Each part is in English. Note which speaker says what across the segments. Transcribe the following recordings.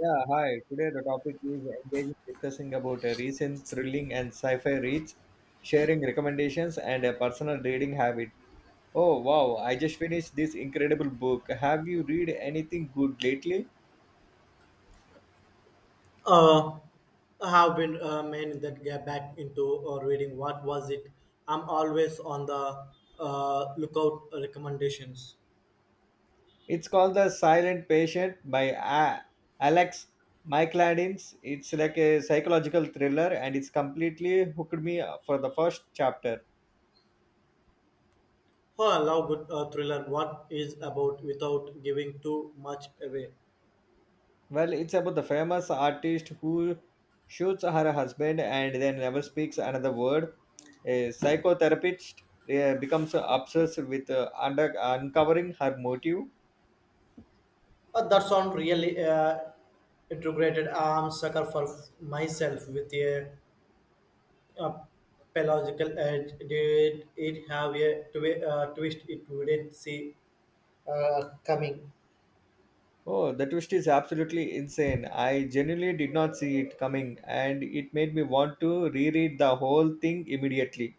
Speaker 1: Yeah, hi. Today the topic is engaging discussing about a recent thrilling and sci-fi reads, sharing recommendations and a personal reading habit. Oh wow, I just finished this incredible book. Have you read anything good lately?
Speaker 2: Uh, I have been meaning that get back into reading. What was it? I'm always on the lookout recommendations.
Speaker 1: It's called The Silent Patient by A- Alex Mycladins. It's like a psychological thriller and it's completely hooked me for the first chapter.
Speaker 2: Oh, I love good thriller. What is about without giving too much away?
Speaker 1: Well, it's about the famous artist who shoots her husband and then never speaks another word. A psychotherapist becomes obsessed with uncovering her motive.
Speaker 2: That sound really integrated. I'm sucker for myself with a pedagogical edge. Did it have a twist? It wouldn't see coming.
Speaker 1: Oh, the twist is absolutely insane. I genuinely did not see it coming, and it made me want to reread the whole thing immediately.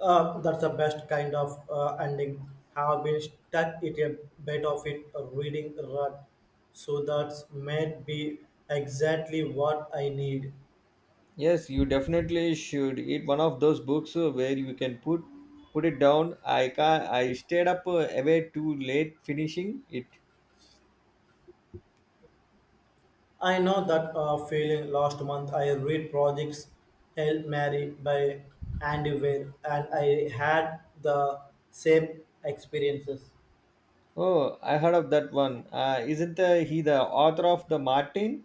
Speaker 2: That's the best kind of ending. Have been stuck in a bit of it reading rut, so that's may be exactly what I need.
Speaker 1: Yes, you definitely should. It's one of those books where you can put it down. I stayed up away too late finishing it.
Speaker 2: I know that feeling. Last month I read projects Hail Mary by Andy Weir, and I had the same experiences.
Speaker 1: Oh, I heard of that one. Isn't he the author of The Martin?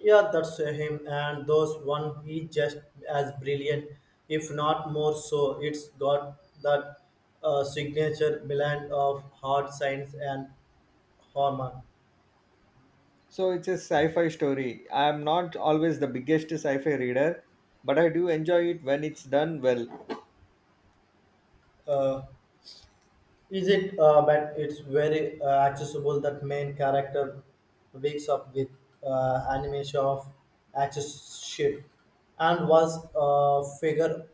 Speaker 2: Yeah, that's him. And those one, he just as brilliant, if not more so. It's got that signature blend of hard science and humor.
Speaker 1: So it's a sci-fi story. I'm not always the biggest sci-fi reader, but I do enjoy it when it's done well.
Speaker 2: Uh, is it? But it's very accessible. That main character wakes up with animation of accessorship and was figure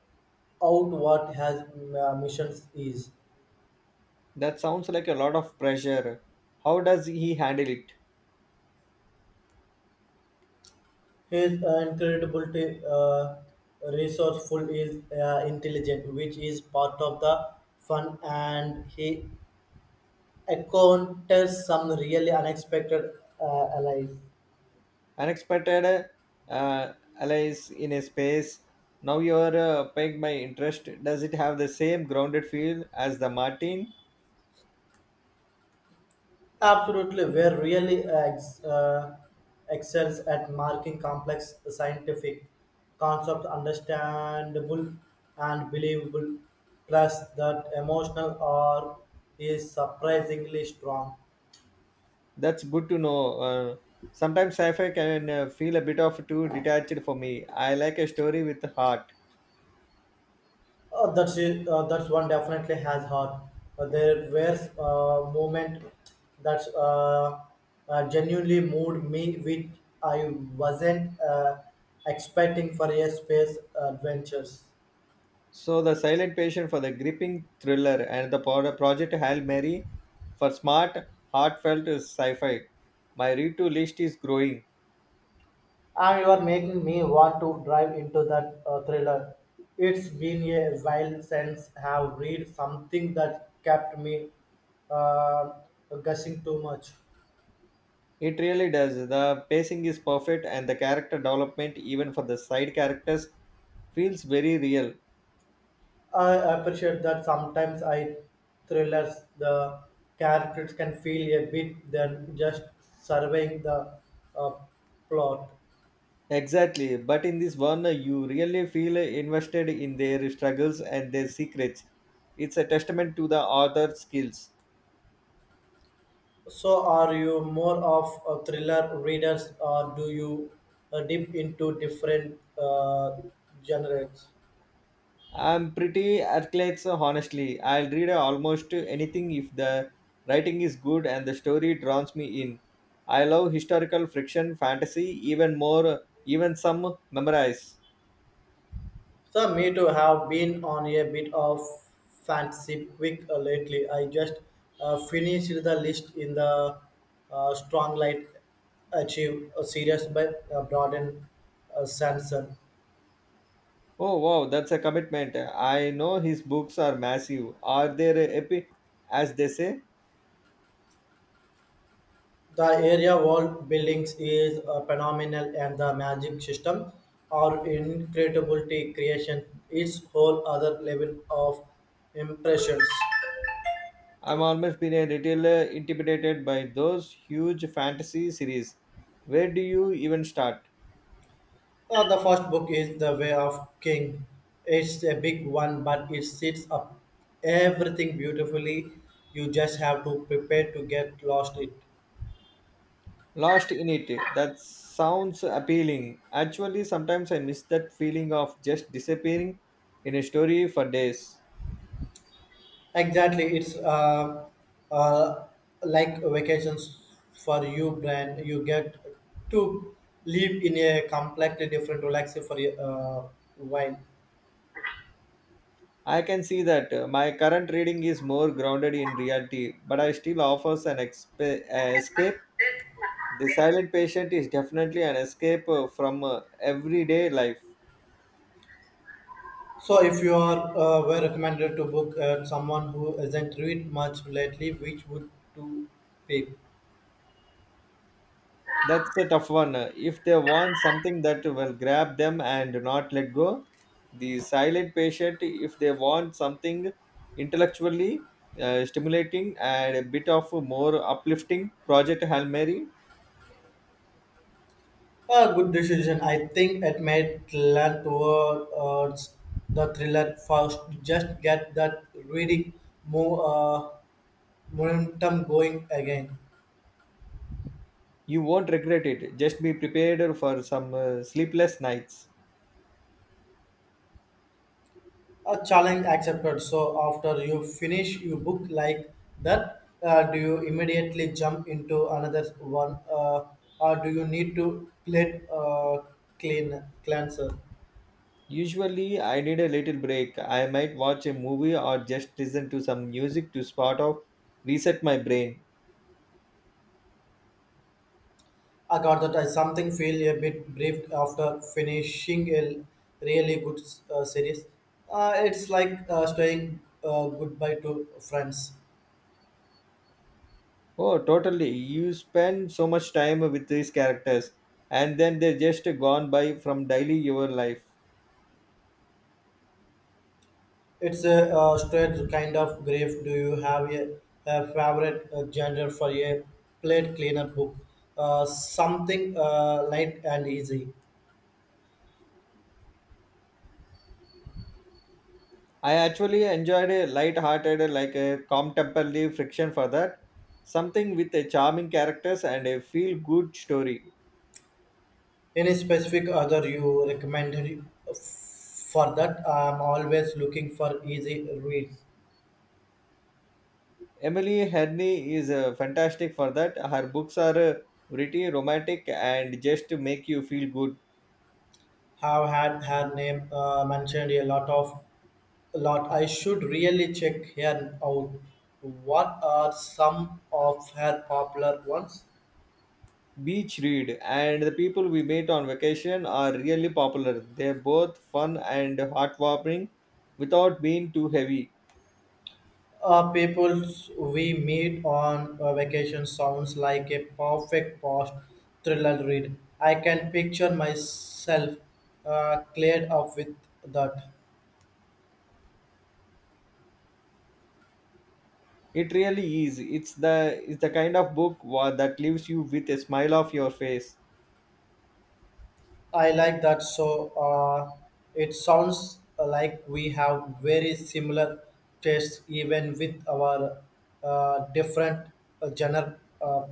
Speaker 2: out what has missions is.
Speaker 1: That sounds like a lot of pressure. How does he handle it?
Speaker 2: He's incredibly resourceful, is intelligent, which is part of the fun, and he encounters some really unexpected allies.
Speaker 1: Unexpected uh, allies in a space. Now you're pegged my interest. Does it have the same grounded feel as The Martin?
Speaker 2: Absolutely, where really excels at marking complex scientific concepts understandable and believable. Plus, that emotional or is surprisingly strong.
Speaker 1: That's good to know. Sometimes sci-fi can feel a bit of too detached for me. I like a story with heart.
Speaker 2: That's it. That's one definitely has her. There were moment that genuinely moved me, which I wasn't expecting for a space adventures.
Speaker 1: So the silent patient for the gripping thriller and the project Hail Mary for smart, heartfelt sci-fi. My read-to list is growing.
Speaker 2: And you are making me want to drive into that thriller. It's been a while since I have read something that kept me uh, gushing too much.
Speaker 1: It really does. The pacing is perfect and the character development, even for the side characters, feels very real.
Speaker 2: I appreciate that sometimes I thrillers the characters can feel a bit than just surveying the uh, plot.
Speaker 1: Exactly, but in this one, you really feel invested in their struggles and their secrets. It's a testament to the author's skills.
Speaker 2: So, are you more of a thriller readers, or do you dip into different genres?
Speaker 1: I'm pretty athletes, honestly. I'll read almost anything if the writing is good and the story draws me in. I love historical fiction, fantasy, even more, even some memorize.
Speaker 2: So me too have been on a bit of fancy quick lately. I just finished the list in the strong light achieve a series by Broaden Sanson.
Speaker 1: Oh wow, that's a commitment. I know his books are massive. Are they epic, as they say?
Speaker 2: The area world buildings is phenomenal and the magic system or incredibility creation is whole other level of impressions.
Speaker 1: I'm almost been a little intimidated by those huge fantasy series. Where do you even start?
Speaker 2: The first book is The Way of King. It's a big one, but it sets up everything beautifully. You just have to prepare to get lost it.
Speaker 1: Lost in it. That sounds appealing. Actually, sometimes I miss that feeling of just disappearing in a story for days.
Speaker 2: Exactly, it's uh, like vacations for you, Brand. You get to live in a completely different, relaxing for a while.
Speaker 1: I can see that my current reading is more grounded in reality, but I still offers an escape. The Silent Patient is definitely an escape from everyday life.
Speaker 2: So, if you are were recommended to book someone who hasn't read much lately, which would to pick?
Speaker 1: That's a tough one. If they want something that will grab them and not let go, the silent patient, if they want something intellectually stimulating and a bit of a more uplifting Project Hail Mary,
Speaker 2: A good decision. I think it made lean towards the thriller first. Just get that reading more momentum going again.
Speaker 1: you won't regret it. Just be prepared for some sleepless nights.
Speaker 2: A challenge accepted. So after you finish your book like that, do you immediately jump into another one, or do you need to let clean cleanser?
Speaker 1: Usually, I need a little break. I might watch a movie or just listen to some music to sort of reset my brain.
Speaker 2: I got that I something feel a bit brief after finishing a really good series. It's like saying goodbye to friends.
Speaker 1: Oh, totally. You spend so much time with these characters, and then they're just gone by from daily your life.
Speaker 2: It's a straight kind of grief. Do you have a favorite genre for a plate cleaner book? Something light and easy.
Speaker 1: I actually enjoyed a light-hearted, like a calm temperly friction for that. Something with a charming characters and a feel-good story.
Speaker 2: Any specific other you recommended for that? I'm always looking for easy reads.
Speaker 1: Emily Herney is fantastic for that. Her books are witty, romantic, and just to make you feel good.
Speaker 2: Have had her name mentioned a lot. I should really check her out. What are some of her popular ones?
Speaker 1: Beach Read and the people we meet on vacation are really popular. They're both fun and heartwarming without being too heavy.
Speaker 2: People we meet on a vacation sounds like a perfect post thriller read. I can picture myself cleared up with that.
Speaker 1: It really is. It's the kind of book that leaves you with a smile of your face.
Speaker 2: I like that. So it sounds like we have very similar tastes, even with our different genre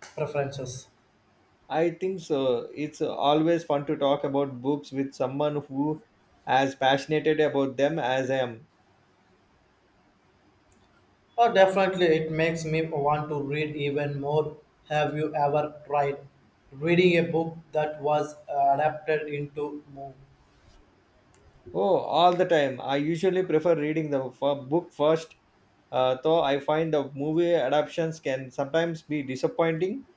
Speaker 2: preferences.
Speaker 1: I think so. It's always fun to talk about books with someone who as passionate about them as I am.
Speaker 2: Oh, definitely, it makes me want to read even more. Have you ever tried reading a book that was adapted into movie?
Speaker 1: Oh, all the time. I usually prefer reading the book first, though I find the movie adaptations can sometimes be disappointing.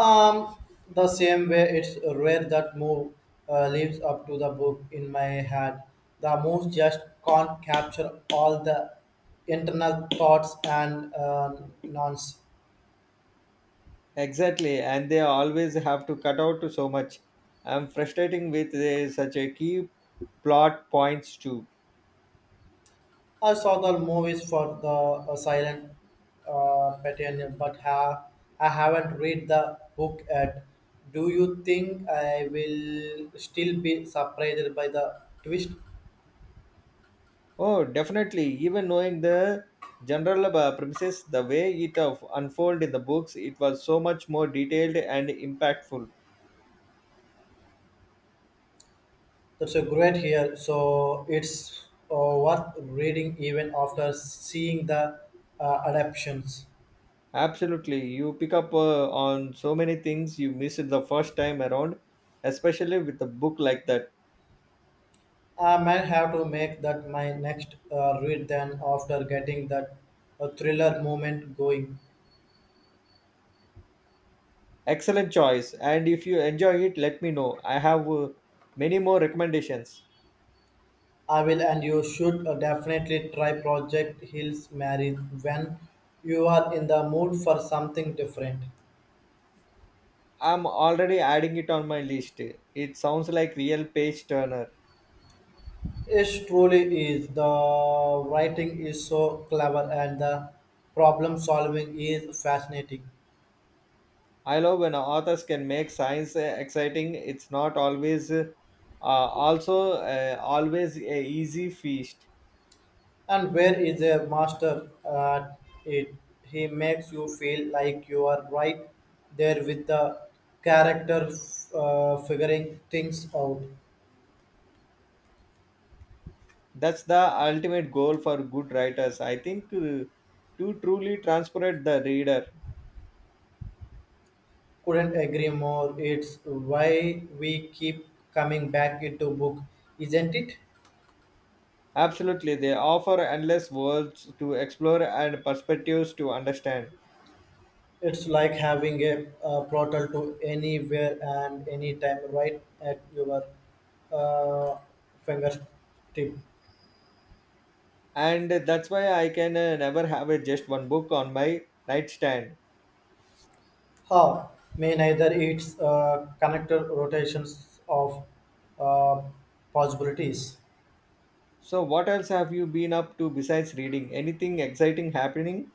Speaker 2: Um, the same way, it's rare that move lives up to the book in my head. The moves just can't capture all the internal thoughts and nonsense.
Speaker 1: Exactly, and they always have to cut out so much. I'm frustrating with such a key plot points too.
Speaker 2: I saw the movies for the silent pattern, but I haven't read the book yet. Do you think I will still be surprised by the twist?
Speaker 1: Oh, definitely. Even knowing the general premises, the way it of unfold in the books, it was so much more detailed and impactful.
Speaker 2: That's a great here. So it's worth reading even after seeing the adaptations.
Speaker 1: Absolutely, you pick up on so many things you missed the first time around, especially with a book like that.
Speaker 2: I might have to make that my next read then after getting that thriller moment going.
Speaker 1: Excellent choice, and if you enjoy it, let me know. I have many more recommendations.
Speaker 2: I will and you should definitely try Project Hills Mary when you are in the mood for something different.
Speaker 1: I'm already adding it on my list. It sounds like real page turner.
Speaker 2: It truly is. The writing is so clever and the problem solving is fascinating.
Speaker 1: I love when authors can make science exciting. It's not always also always a easy feast.
Speaker 2: And where is a master at it? He makes you feel like you are right there with the character figuring things out.
Speaker 1: That's the ultimate goal for good writers. I think to truly transport the reader.
Speaker 2: Couldn't agree more. It's why we keep coming back into book, isn't it?
Speaker 1: Absolutely, they offer endless worlds to explore and perspectives to understand.
Speaker 2: It's like having a, portal to anywhere and anytime right at your uh, fingertip.
Speaker 1: And that's why I can never have a, just one book on my nightstand.
Speaker 2: How may neither its connector rotations of uh, possibilities.
Speaker 1: So, what else have you been up to besides reading? Anything exciting happening?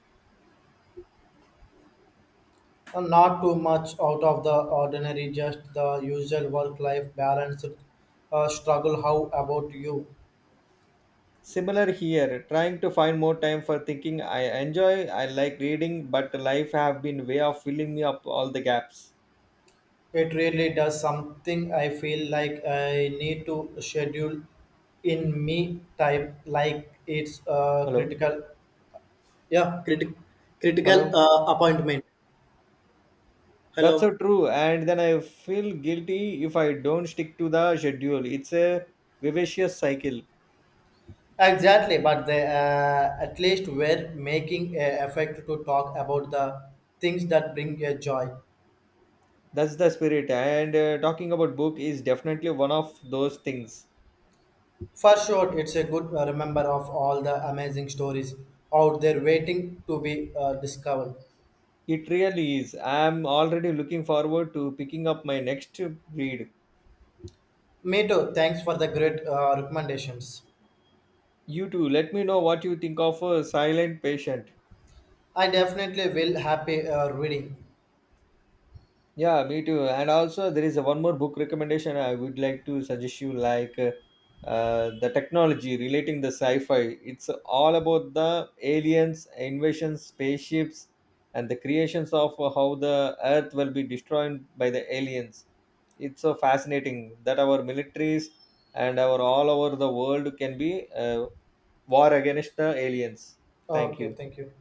Speaker 2: Not too much out of the ordinary, just the usual work-life balance struggle. How about you?
Speaker 1: Similar here, trying to find more time for thinking. I like reading, but life have been way of filling me up all the gaps.
Speaker 2: It really does something I feel like I need to schedule in me time, like it's
Speaker 1: Hello,
Speaker 2: critical, yeah, critical
Speaker 1: hello.
Speaker 2: appointment.
Speaker 1: That's so
Speaker 2: Hello.
Speaker 1: true. And then I feel guilty if I don't stick to the schedule. It's a vivacious cycle.
Speaker 2: Exactly, but they at least were making a effort to talk about the things that bring you joy.
Speaker 1: That's the spirit. And talking about book is definitely one of those things.
Speaker 2: For sure, it's a good remember of all the amazing stories out there waiting to be discovered.
Speaker 1: It really is. I'm already looking forward to picking up my next read.
Speaker 2: Me too. Thanks for the great recommendations.
Speaker 1: You too. Let me know what you think of Silent Patient.
Speaker 2: I definitely will happy reading.
Speaker 1: Yeah, me too. And also, there is a one more book recommendation I would like to suggest you, like the technology relating the sci-fi. It's all about the aliens, invasions, spaceships, and the creations of how the Earth will be destroyed by the aliens. It's so fascinating that our militaries and our all over the world can be war against the aliens. Thank
Speaker 2: Okay,
Speaker 1: you.
Speaker 2: thank you.